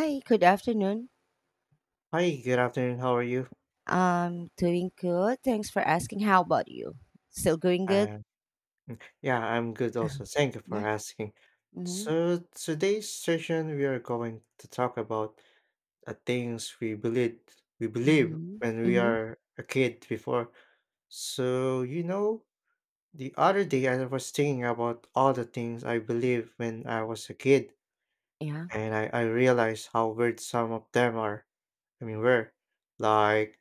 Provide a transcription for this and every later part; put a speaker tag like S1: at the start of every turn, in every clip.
S1: Hi, good afternoon.
S2: Hi, good afternoon. How are you?
S1: I'm doing good. Thanks for asking. How about you? Still going good?
S2: Uh, yeah, I'm good also. Thank you for
S1: Yeah.
S2: asking.
S1: Mm-hmm.
S2: So today's session we are going to talk about things we believe
S1: Mm-hmm.
S2: when we
S1: Mm-hmm.
S2: are a kid before. So the other day I was thinking about all the things I believed when I was a kid,
S1: Yeah.
S2: and I realized how weird some of them are. I mean, were like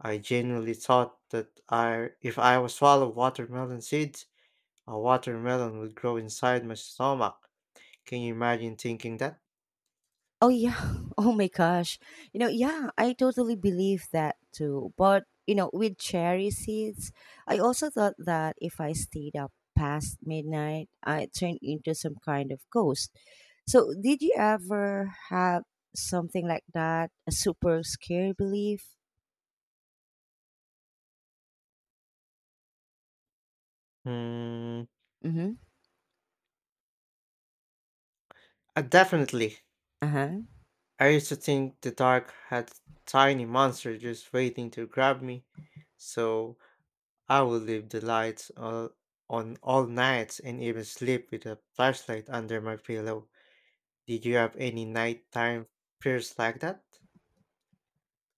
S2: I genuinely thought that I if I was swallow watermelon seeds. A watermelon would grow inside my stomach. Can you imagine thinking that?
S1: Oh yeah. Oh my gosh. You know, yeah, I totally believe that too. But you know, with cherry seeds, I also thought that if I stayed up past midnight, I turned into some kind of ghost. So did you ever have something like that? A super scary belief?
S2: Hmm.
S1: Mm-hmm.
S2: Definitely.
S1: Uh-huh.
S2: I used to think the dark had tiny monster just waiting to grab me, so I would leave the lights on all nights and even sleep with a flashlight under my pillow. Did you have any nighttime fears like that?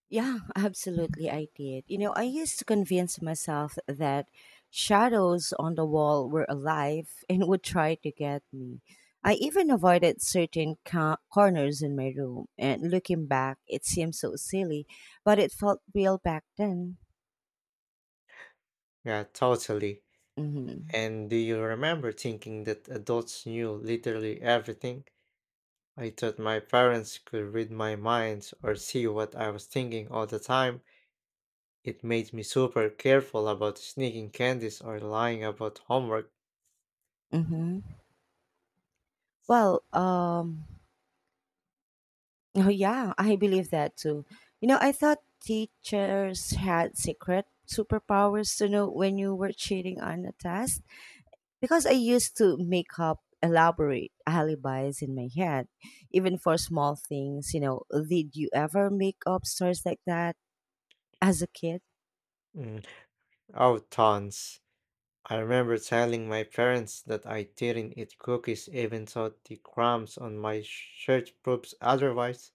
S1: Yeah, absolutely, I did. You know, I used to convince myself that shadows on the wall were alive and would try to get me. I even avoided certain corners in my room, and looking back, it seems so silly, but it felt real back then.
S2: Yeah, totally.
S1: Mm-hmm.
S2: And do you remember thinking that adults knew literally everything? I thought my parents could read my mind or see what I was thinking all the time. It made me super careful about sneaking candies or lying about homework.
S1: Mm-hmm. Well, oh yeah, I believe that too. You know, I thought teachers had secret superpowers to know when you were cheating on a test. Because I used to make up elaborate alibis in my head, even for small things. You know, did you ever make up stories like that as a kid?
S2: Mm, oh, tons. I remember telling my parents that I didn't eat cookies even though the crumbs on my shirt proves otherwise.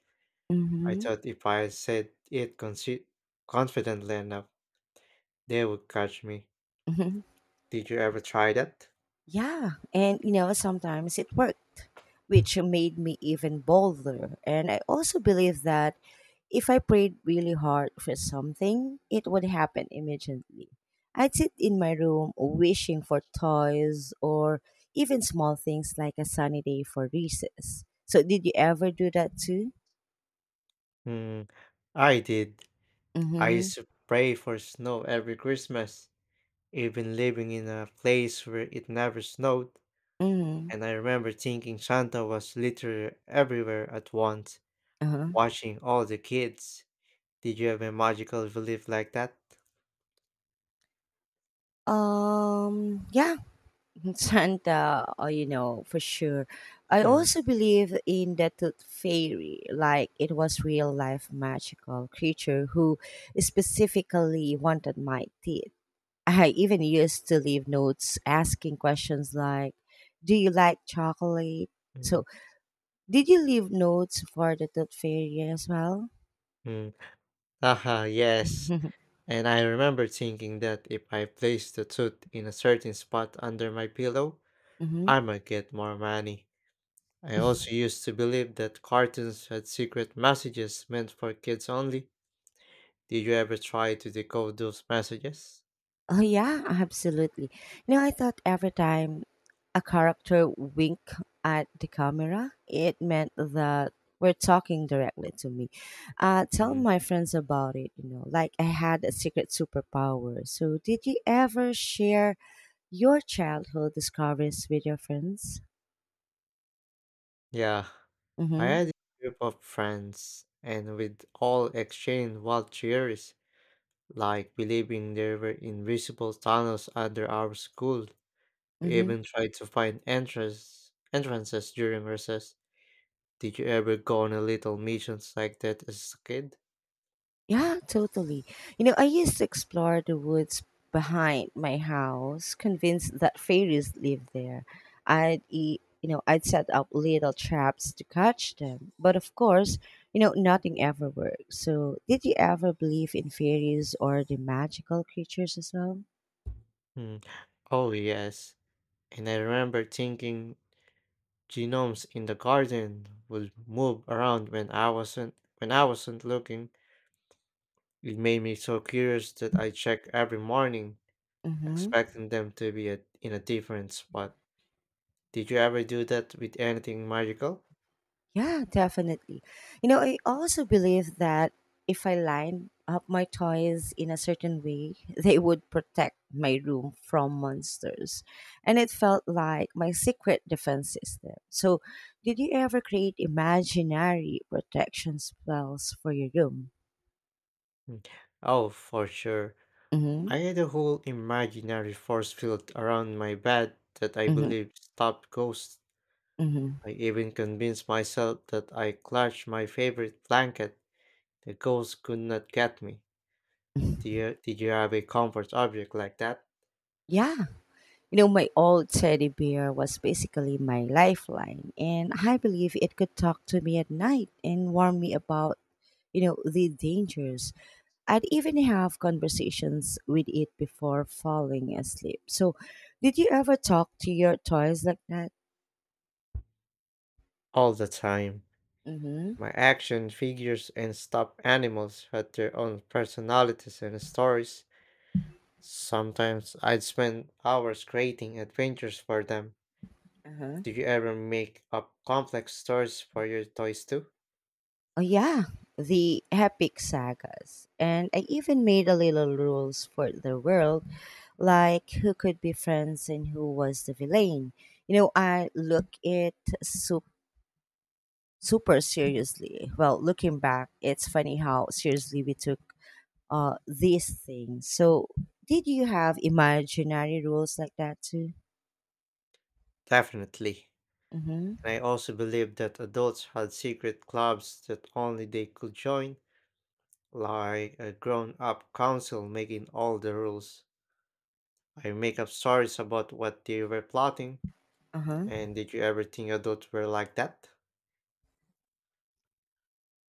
S2: I
S1: Mm-hmm.
S2: thought if I said it confidently enough, they would catch me. Did you ever try that?
S1: Yeah, and you know, sometimes it worked, which made me even bolder. And I also believe that if I prayed really hard for something, it would happen immediately. I'd sit in my room wishing for toys or even small things like a sunny day for recess. So, did you ever do that too?
S2: Hmm, I did. I
S1: Mm
S2: used to pray for snow every Christmas, even living in a place where it never snowed.
S1: hmm. Mm hmm.
S2: And I remember thinking Santa was literally everywhere at once,
S1: Uh
S2: watching all the kids. Did you have a magical belief like that?
S1: huh. Yeah. Santa, for sure. I
S2: Mm,
S1: also believe in the tooth fairy, like it was real life magical creature who specifically wanted my teeth. I even used to leave notes asking questions like, "Do you like chocolate?"
S2: mm,
S1: So, did you leave notes for the tooth fairy as well?
S2: mm. Haha, yes. And I remember thinking that if I placed the tooth in a certain spot under my pillow,
S1: Hmm.
S2: I might get more money. I also used to believe that cartoons had secret messages meant for kids only. Did you ever try to decode those messages?
S1: Oh yeah, absolutely. You know, I thought every time a character winked at the camera, it meant that we're talking directly to me. Tell
S2: Mhm.
S1: my friends about it. You know, like I had a secret superpower. So, did you ever share your childhood discoveries with your friends?
S2: Yeah, I
S1: Mm-hmm.
S2: had a group of friends, and we'd all exchange wild theories, like believing there were invisible tunnels under our school. We
S1: Mm-hmm.
S2: even tried to find entrances during recess. Did you ever go on a little missions like that as a kid?
S1: Yeah, totally. You know, I used to explore the woods behind my house, convinced that fairies lived there. I'd eat, you know, I'd set up little traps to catch them. But of course, nothing ever worked. So, did you ever believe in fairies or the magical creatures as well?
S2: Hmm. Oh, yes. And I remember thinking Genomes in the garden would move around when I wasn't looking. It made me so curious that I check every morning,
S1: Mm-hmm.
S2: expecting them to be in a different spot. Did you ever do that with anything magical?
S1: Yeah, definitely. You know, I also believe that if I line up my toys in a certain way, they would protect my room from monsters. And it felt like my secret defense system. So, did you ever create imaginary protection spells for your room?
S2: Mm. Oh, for sure.
S1: Mm hmm.
S2: I had a whole imaginary force field around my bed that I
S1: Mm
S2: believed stopped ghosts.
S1: hmm. Mm
S2: I even convinced myself that I clutched my favorite blanket. The ghosts could not get me.
S1: hmm.
S2: Did you have a comfort object like that?
S1: Yeah. You know, my old teddy bear was basically my lifeline, and I believe it could talk to me at night and warn me about the dangers. I'd even have conversations with it before falling asleep. So, did you ever talk to your toys like that?
S2: All the time.
S1: Mm-hmm.
S2: My action figures and stuffed animals had their own personalities and stories. Sometimes I'd spend hours creating adventures for them.
S1: Uh-huh.
S2: Did you ever make up complex stories for your toys too?
S1: Oh, yeah, the epic sagas. And I even made a little rules for the world, like who could be friends and who was the villain. You know, I look it super super seriously. Well, looking back, it's funny how seriously we took these things. So, did you have imaginary rules like that too?
S2: Definitely.
S1: Mm-hmm.
S2: And I also believe that adults had secret clubs that only they could join, like a grown up council making all the rules. I make up stories about what they were plotting,
S1: Uh-huh.
S2: and did you ever think adults were like that?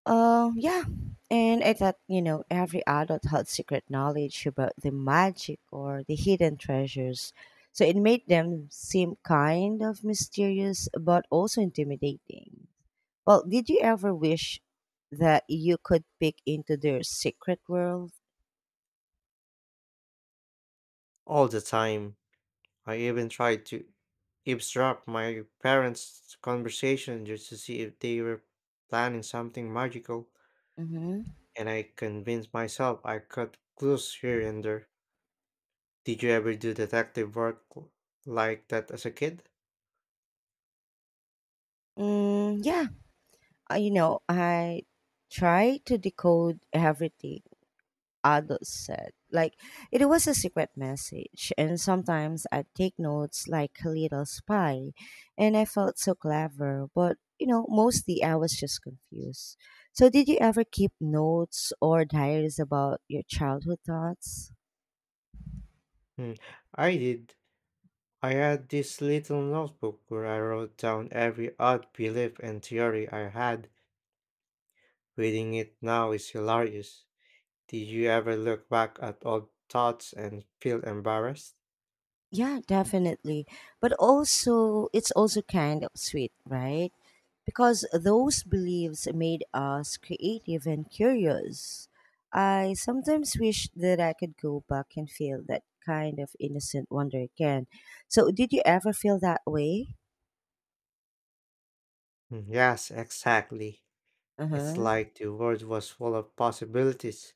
S1: Yeah. And I thought, every adult had secret knowledge about the magic or the hidden treasures. So it made them seem kind of mysterious, but also intimidating. Well, did you ever wish that you could peek into their secret world?
S2: All the time. I even tried to eavesdrop my parents' conversation just to see if they were planning something magical,
S1: Mm-hmm.
S2: and I convinced myself I caught clues here and there. Did you ever do detective work like that as a kid?
S1: Yeah. I tried to decode everything adults said. Like, it was a secret message, and sometimes I'd take notes like a little spy, and I felt so clever, but mostly I was just confused. So, did you ever keep notes or diaries about your childhood thoughts?
S2: Hmm, I did. I had this little notebook where I wrote down every odd belief and theory I had. Reading it now is hilarious. Did you ever look back at old thoughts and feel embarrassed?
S1: Yeah, definitely. But also, it's also kind of sweet, right? Because those beliefs made us creative and curious. I sometimes wish that I could go back and feel that kind of innocent wonder again. So, did you ever feel that way?
S2: Hmm, yes, exactly. It's
S1: Uh-huh.
S2: like the world was full of possibilities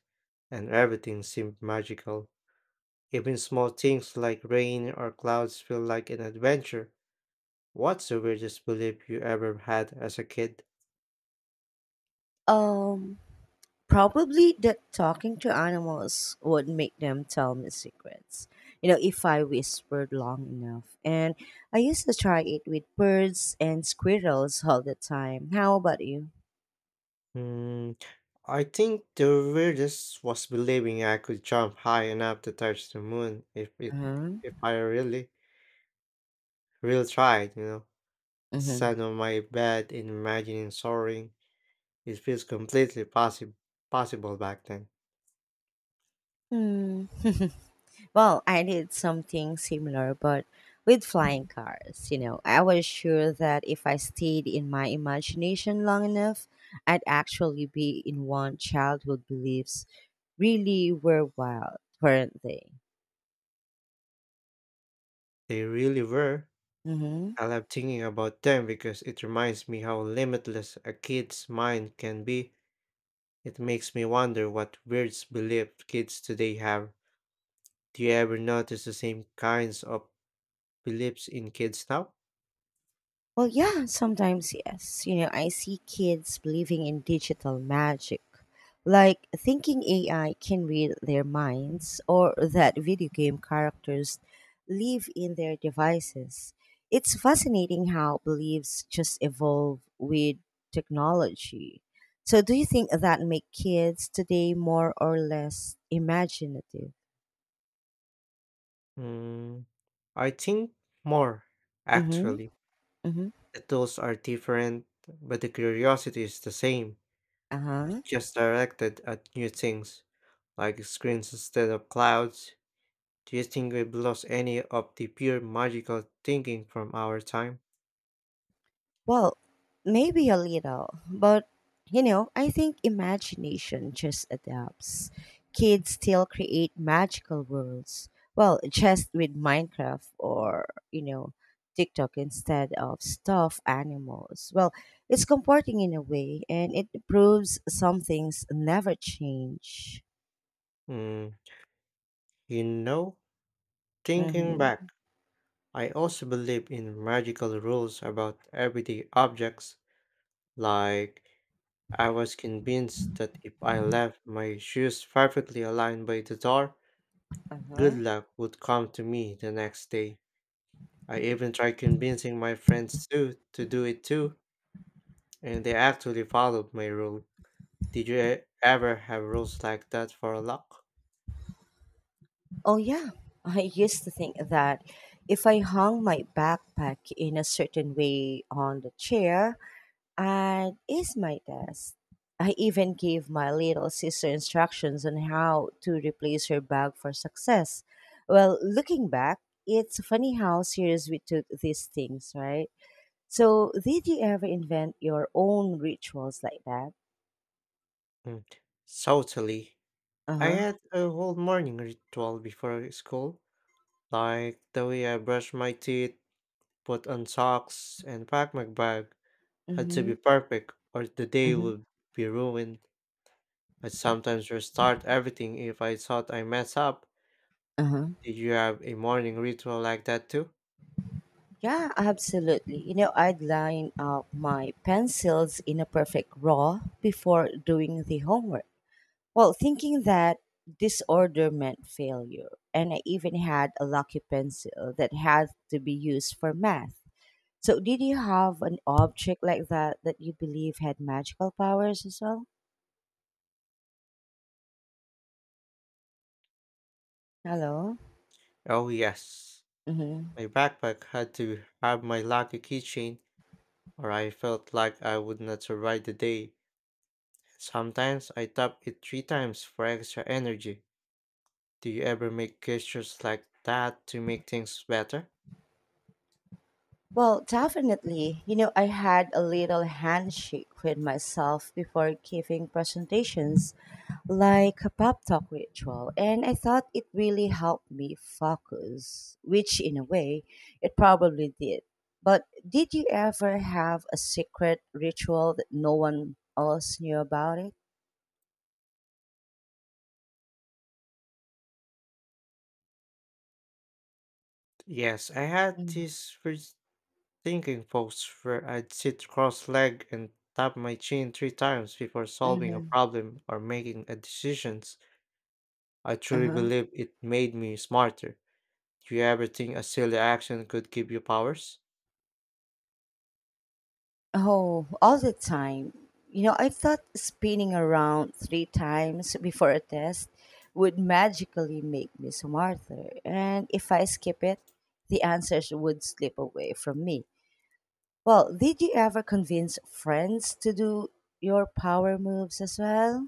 S2: and everything seemed magical. Even small things like rain or clouds feel like an adventure. What's the weirdest belief you ever had as a kid?
S1: Um, Probably that talking to animals would make them tell me secrets. You know, if I whispered long enough. And I used to try it with birds and squirrels all the time. How about you?
S2: Hmm, I think the weirdest was believing I could jump high enough to touch the moon if it
S1: Uh-huh.
S2: if I really really tried, you know. I
S1: Mm-hmm.
S2: sat on my bed and imagining soaring. It feels completely possible possible back then.
S1: Hmm. Well, I did something similar, but with flying cars. You know, I was sure that if I stayed in my imagination long enough, I'd actually be in one. Childhood beliefs really were wild, weren't they?
S2: They really were.
S1: Mm-hmm.
S2: I love thinking about them because it reminds me how limitless a kid's mind can be. It makes me wonder what weird belief kids today have. Do you ever notice the same kinds of beliefs in kids now?
S1: Well, yeah, sometimes yes. You know, I see kids believing in digital magic, like thinking AI can read their minds or that video game characters live in their devices. It's fascinating how beliefs just evolve with technology. So, do you think that make kids today more or less imaginative?
S2: Mm, I think more,
S1: Mm-hmm.
S2: actually.
S1: Mm-hmm.
S2: The tools are different, but the curiosity is the same.
S1: Uh-huh.
S2: Just directed at new things, like screens instead of clouds. Do you think we've lost any of the pure magical thinking from our time?
S1: Well, maybe a little, but I think imagination just adapts. Kids still create magical worlds. Well, just with Minecraft or TikTok instead of stuffed animals. Well, it's comforting in a way and it proves some things never change.
S2: Mm, you know, thinking
S1: Mm-hmm.
S2: back, I also believe in magical rules about everyday objects. Like, I was convinced that if I left my shoes perfectly aligned by the door,
S1: Uh-huh.
S2: good luck would come to me the next day. I even tried convincing my friends too to do it too, and they actually followed my rule. Did you ever have rules like that for luck?
S1: Oh, yeah. I used to think that if I hung my backpack in a certain way on the chair, and ace my test. I even gave my little sister instructions on how to replace her bag for success. Well, looking back, it's funny how serious we took these things, right? So, did you ever invent your own rituals like that?
S2: Mm, totally.
S1: Uh
S2: I
S1: huh.
S2: had a whole morning ritual before school, like the way I brush my teeth, put on socks, and pack my bag had to
S1: Mm-hmm.
S2: be perfect, or the day
S1: Mm-hmm.
S2: would be ruined. I'd sometimes restart everything if I thought I messed up.
S1: Uh-huh.
S2: Did you have a morning ritual like that too?
S1: Yeah, absolutely. You know, I'd line up my pencils in a perfect row before doing the homework. Well, thinking that disorder meant failure, and I even had a lucky pencil that had to be used for math. So, did you have an object like that that you believe had magical powers as well? Hello?
S2: Oh yes.
S1: Mm-hmm.
S2: My backpack had to have my lucky keychain or I felt like I would not survive the day. Sometimes I tap it three times for extra energy. Do you ever make gestures like that to make things better?
S1: Well, definitely. You know, I had a little handshake with myself before giving presentations, like a pep talk ritual, and I thought it really helped me focus, which in a way it probably did. But did you ever have a secret ritual that no one else knew about it?
S2: Yes, I had this first thinking pose where I'd sit cross legged and tap my chin three times before solving a
S1: Mm-hmm.
S2: problem or making a decisions. I truly
S1: Uh-huh.
S2: believe it made me smarter. Do you ever think a silly action could give you powers?
S1: Oh, all the time. You know, I thought spinning around three times before a test would magically make me smarter. And if I skip it, the answers would slip away from me. Well, did you ever convince friends to do your power moves as well?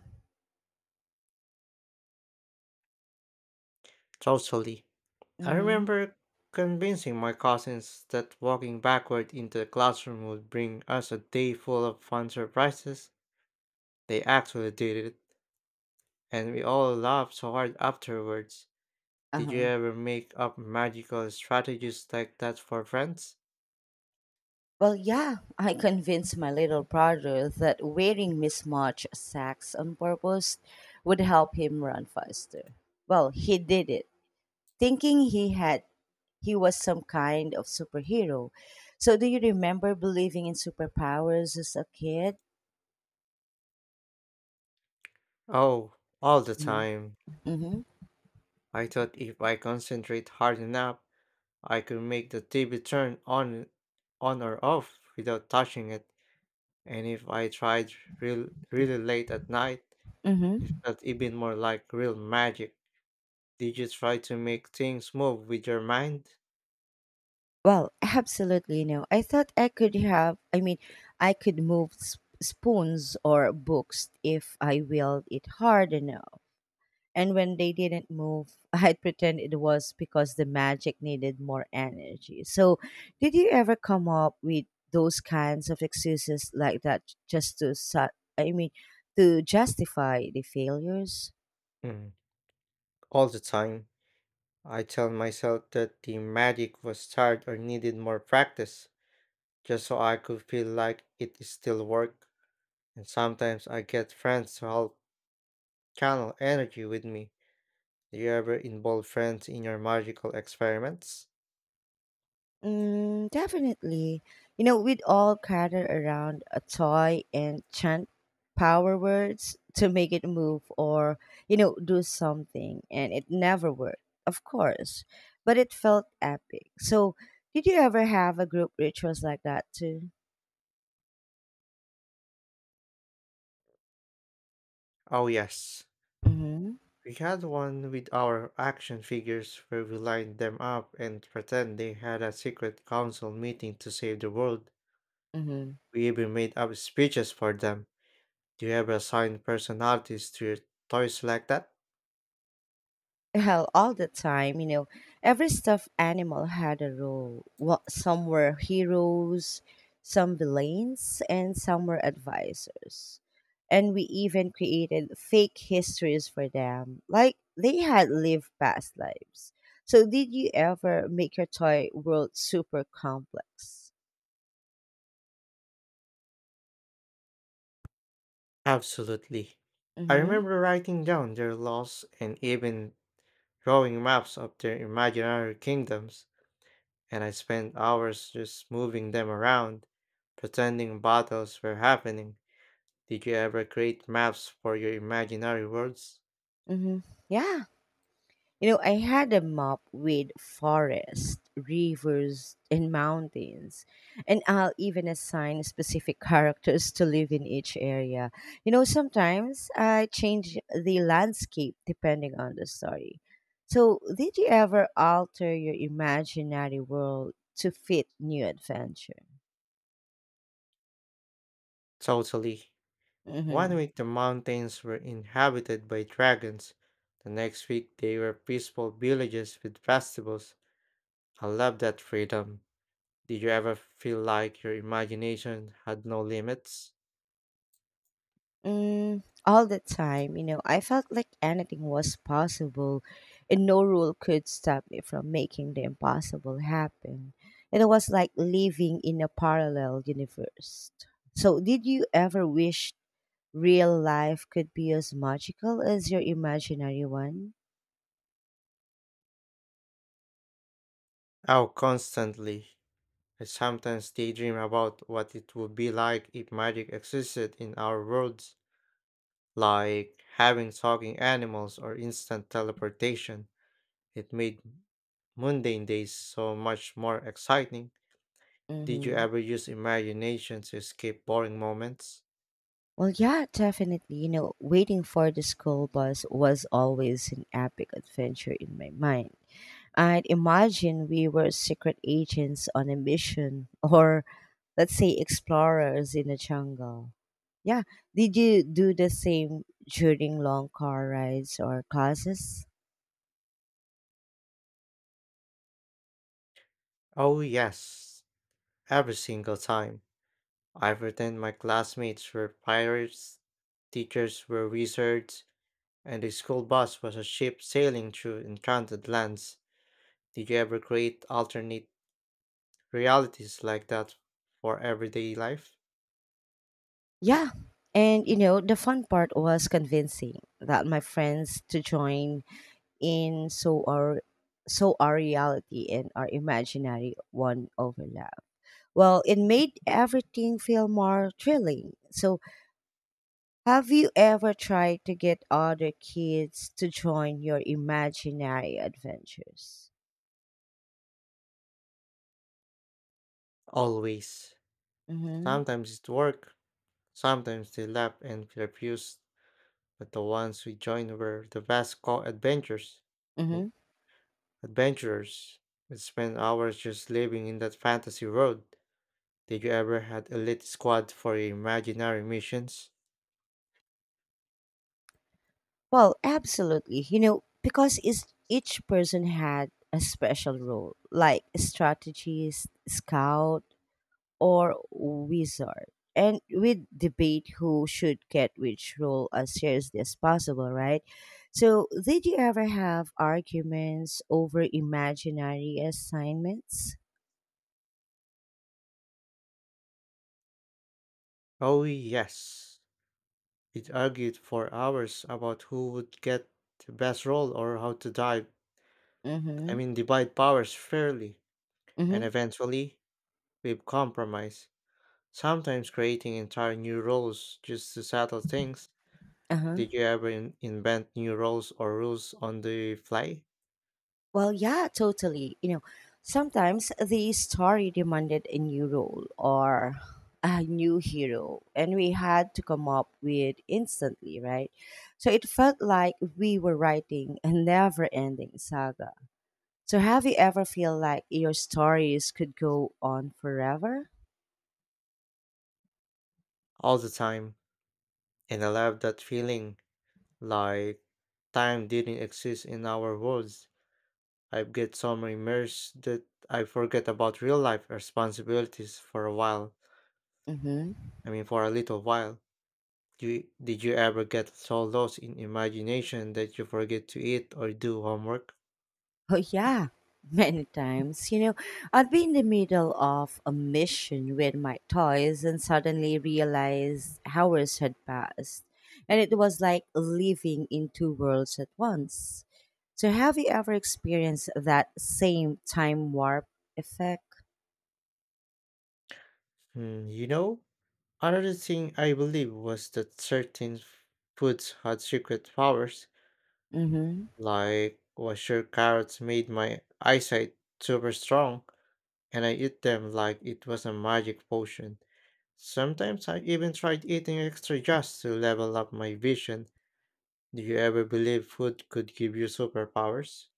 S2: Totally. I
S1: Mm-hmm.
S2: remember convincing my cousins that walking backward into the classroom would bring us a day full of fun surprises. They actually did it, and we all laughed so hard afterwards. Did you
S1: Uh-huh.
S2: ever make up magical strategies like that for friends?
S1: Well, yeah, I convinced my little brother that wearing mismatched sacks on purpose would help him run faster. Well, he did it thinking he was some kind of superhero. So do you remember believing in superpowers as a kid?
S2: Oh, all the
S1: Uh-huh.
S2: time.
S1: Mm-hmm.
S2: I thought if I concentrate hard enough, I could make the TV turn on or off without touching it. And if I tried really late at night, is
S1: Mm-hmm.
S2: that even more like real magic? Did you try to make things move with your mind?
S1: Well, absolutely no. I thought, I mean, I could move spoons or books if I willed it hard enough. And when they didn't move, I'd pretend it was because the magic needed more energy. So, did you ever come up with those kinds of excuses like that just to, I mean, to justify the failures?
S2: Mm, all the time. I tell myself that the magic was tired or needed more practice, just so I could feel like it is still work. And sometimes I get friends to help channel energy with me. Do you ever involve friends in your magical experiments?
S1: Definitely. You know, we'd all gather around a toy and chant power words to make it move or, do something, and it never worked, of course, but it felt epic. So, did you ever have a group rituals like that too?
S2: Oh, yes.
S1: Mm-hmm.
S2: We had one with our action figures where we lined them up and pretend they had a secret council meeting to save the world.
S1: Mm-hmm.
S2: We even made up speeches for them. Do you ever assign personalities to your toys like that?
S1: Hell, all the time. Every stuffed animal had a role. Well, some were heroes, some villains, and some were advisors, and we even created fake histories for them like they had lived past lives. So did you ever make your toy world super complex?
S2: Absolutely. I
S1: Mm-hmm.
S2: remember writing down their laws and even drawing maps of their imaginary kingdoms. And I spent hours just moving them around, pretending battles were happening. Did you ever create maps for your imaginary worlds?
S1: Mm-hmm. Yeah. You know, I had a map with forests, rivers, and mountains, and I'll even assign specific characters to live in each area. You know, sometimes I change the landscape depending on the story. So, did you ever alter your imaginary world to fit new adventure?
S2: Totally.
S1: Mm-hmm.
S2: One week the mountains were inhabited by dragons, the next week they were peaceful villages with festivals. I love that freedom. Did you ever feel like your imagination had no limits?
S1: All the time. I felt like anything was possible and no rule could stop me from making the impossible happen. And it was like living in a parallel universe. So, did you ever wish real life could be as magical as your imaginary one?
S2: Oh, constantly. I sometimes daydream about what it would be like if magic existed in our worlds. Like having talking animals or instant teleportation. It made mundane days so much more exciting. Did you
S1: Mm-hmm.
S2: ever use imagination to escape boring moments?
S1: Well, yeah, definitely. You know, waiting for the school bus was always an epic adventure in my mind. And imagine we were secret agents on a mission, or let's say explorers in the jungle. Yeah. Did you do the same during long car rides or classes?
S2: Oh, yes, every single time. I pretend my classmates were pirates, teachers were wizards, and the school bus was a ship sailing through enchanted lands. Did you ever create alternate realities like that for everyday life?
S1: Yeah. And you know, the fun part was convincing that my friends to join in so our reality and our imaginary one overlap. Well, it made everything feel more thrilling. So have you ever tried to get other kids to join your imaginary adventures?
S2: Always.
S1: Hmm.
S2: Sometimes it worked, sometimes they laughed and refused, but the ones we joined were the best co-adventurers. mm,
S1: Hmm.
S2: Adventurers. We spent hours just living in that fantasy world. Did you ever had a lit squad for your imaginary missions?
S1: Well, absolutely. You know, because is each person had a special role, like a strategist, scout, or wizard, and we debate who should get which role as seriously as possible, right? So, did you ever have arguments over imaginary assignments?
S2: Oh yes. It argued for hours about who would get the best role or how to dive, I
S1: Mm-hmm.
S2: mean, divide powers fairly.
S1: Mm-hmm.
S2: And eventually we've compromised. Sometimes creating entire new rules just to settle things.
S1: Uh-huh.
S2: Did you ever invent new rules or rules on the fly?
S1: Well, yeah, totally. You know, sometimes the story demanded a new role or a new hero, and we had to come up with instantly, right? So it felt like we were writing a never-ending saga. So have you ever feel like your stories could go on forever?
S2: All the time, and I love that feeling like time didn't exist in our world. I get so immersed that I forget about real life responsibilities for a while.
S1: Mhm.
S2: I mean, for a little while. Did you ever get so lost in imagination that you forget to eat or do homework?
S1: Oh, yeah, many times. I'd be in the middle of a mission with my toys and suddenly realize hours had passed. And it was like living in two worlds at once. So, have you ever experienced that same time warp effect?
S2: Hmm, another thing I believe was that certain foods had secret powers.
S1: Mm hmm.
S2: Like, was sure carrots made my eyesight super strong, and I eat them like it was a magic potion. Sometimes I even tried eating extra just to level up my vision. Do you ever believe food could give you superpowers?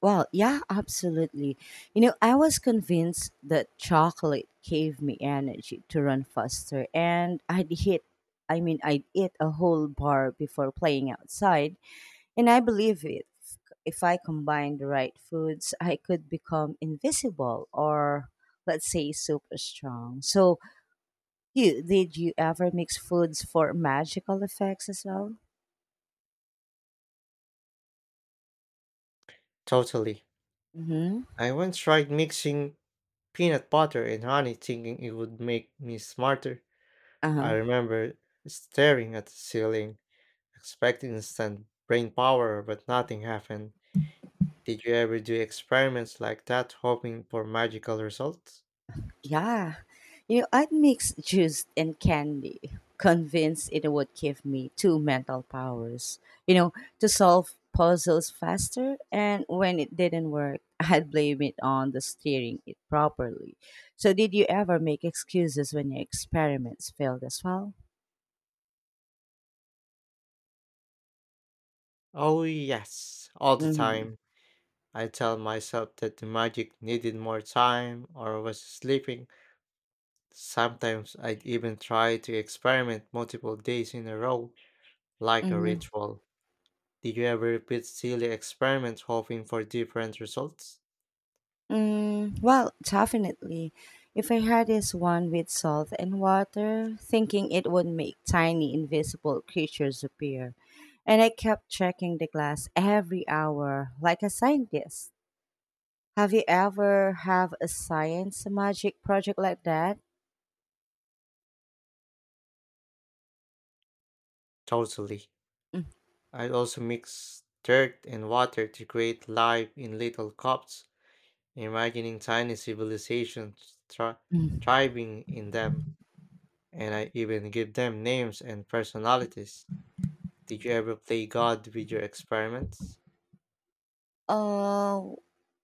S1: Well, yeah, absolutely. I was convinced that chocolate gave me energy to run faster, and I'd hit, I mean, I'd eat a whole bar before playing outside, and I believe it. If I combine the right foods, I could become invisible or, let's say, super strong. So, you did you ever mix foods for magical effects as well?
S2: Totally.
S1: Mm-hmm.
S2: I once tried mixing peanut butter and honey thinking it would make me smarter.
S1: Uh huh.
S2: I remember staring at the ceiling, expecting instant brain power, but nothing happened. Did you ever do experiments like that hoping for magical results?
S1: Yeah, I'd mix juice and candy, convinced it would give me two mental powers, you know, to solve puzzles faster. And when it didn't work, I'd blame it on the steering it properly. So, did you ever make excuses when your experiments failed as well?
S2: Oh, yes, all the
S1: Mm-hmm.
S2: time. I tell myself that the magic needed more time or was sleeping. Sometimes I'd even try to experiment multiple days in a row, like a
S1: Mm-hmm.
S2: ritual. Did you ever repeat silly experiments hoping for different results?
S1: Mm, well, definitely. If I had this one with salt and water, thinking it would make tiny invisible creatures appear, and I kept checking the glass every hour like a scientist. Have you ever have a science magic project like that?
S2: Totally. I'd also mix dirt and water to create life in little cups, imagining tiny civilizations
S1: Mm.
S2: thriving in them, and I even give them names and personalities. Did you ever play God with your experiments?
S1: Uh,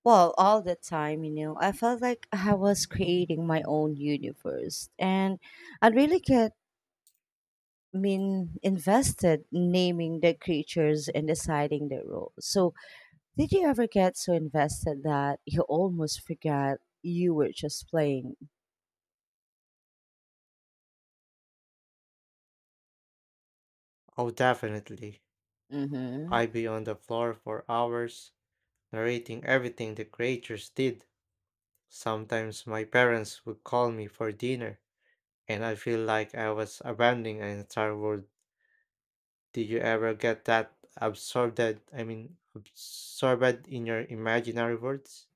S1: well, all the time, I felt like I was creating my own universe, and I really get mean invested naming the creatures and deciding their role. So did you ever get so invested that you almost forgot you were just playing?
S2: Oh, definitely.
S1: Hmm.
S2: I'd be on the floor for hours, narrating everything the creatures did. Sometimes my parents would call me for dinner, and I feel like I was abandoning an entire world. Did you ever get that absorbed, I mean, absorbed in your imaginary worlds?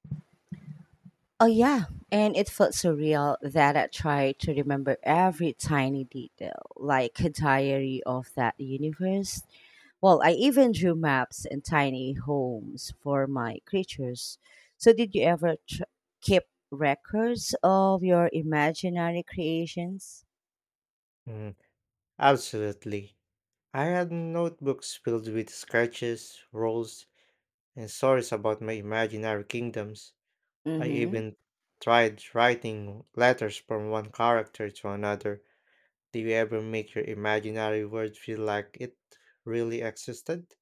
S1: Oh yeah, and it felt so real that I tried to remember every tiny detail, like a diary of that universe. Well, I even drew maps and tiny homes for my creatures. So, did you ever tr- keep records of your imaginary creations?
S2: Mm, absolutely. I had notebooks filled with sketches, rules, and stories about my imaginary kingdoms.
S1: Mm
S2: I
S1: hmm.
S2: even tried writing letters from one character to another. Do you ever make your imaginary world feel like it really existed?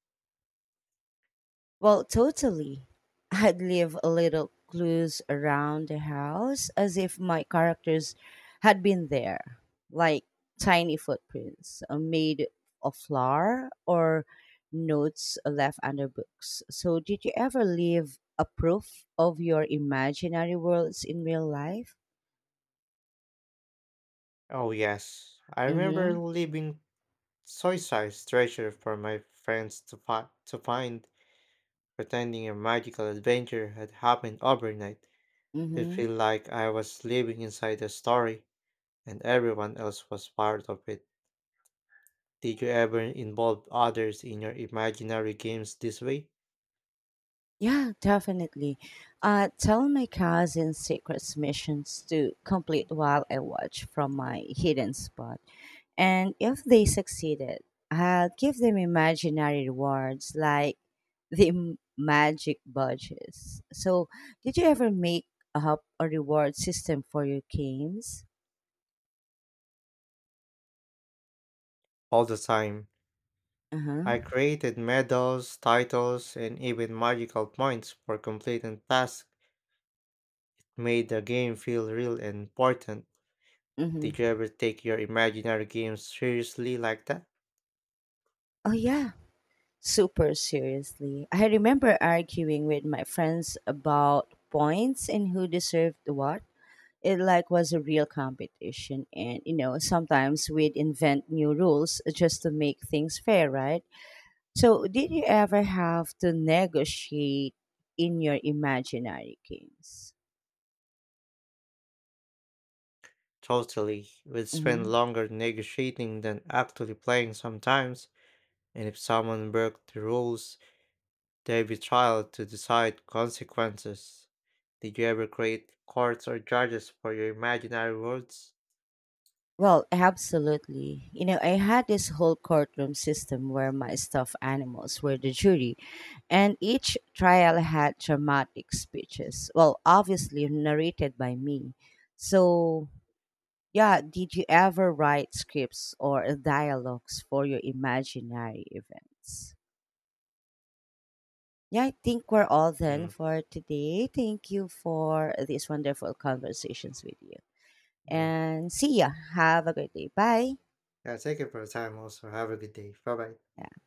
S1: Well, totally. I'd leave a little clues around the house as if my characters had been there, like tiny footprints made of flour or notes left under books. So, did you ever leave a proof of your imaginary worlds in real life?
S2: Oh, yes. I remember
S1: Mm-hmm.
S2: leaving soy sized treasure for my friends to find, pretending a magical adventure had happened overnight. It
S1: Mm-hmm.
S2: felt like I was living inside a story and everyone else was part of it. Did you ever involve others in your imaginary games this way?
S1: Yeah, definitely. Tell my cousin secrets missions to complete while I watch from my hidden spot. And if they succeeded, I'll give them imaginary rewards like the magic badges. So, did you ever make up a reward system for your games?
S2: All the time.
S1: Uh huh.
S2: I created medals, titles, and even magical points for completing tasks made the game feel real and important.
S1: Mm-hmm.
S2: Did you ever take your imaginary games seriously like that?
S1: Oh, yeah. Super seriously. I remember arguing with my friends about points and who deserved what. It like was a real competition and you know, sometimes we'd invent new rules just to make things fair, right? So, did you ever have to negotiate in your imaginary games?
S2: Totally. We'd spend
S1: Hmm.
S2: longer negotiating than actually playing sometimes, and if someone broke the rules, there'd be trial to decide consequences. Did you ever create courts or judges for your imaginary worlds?
S1: Well, absolutely. I had this whole courtroom system where my stuffed animals were the jury, and each trial had dramatic speeches. Well, obviously narrated by me. So, yeah, did you ever write scripts or dialogues for your imaginary events? Yeah, I think we're all done
S2: Mm.
S1: for today. Thank you for these wonderful conversations with you.
S2: Mm.
S1: And see ya. Have a great day. Bye.
S2: Yeah, thank you for your time also. Have a good day. Bye bye.
S1: Yeah.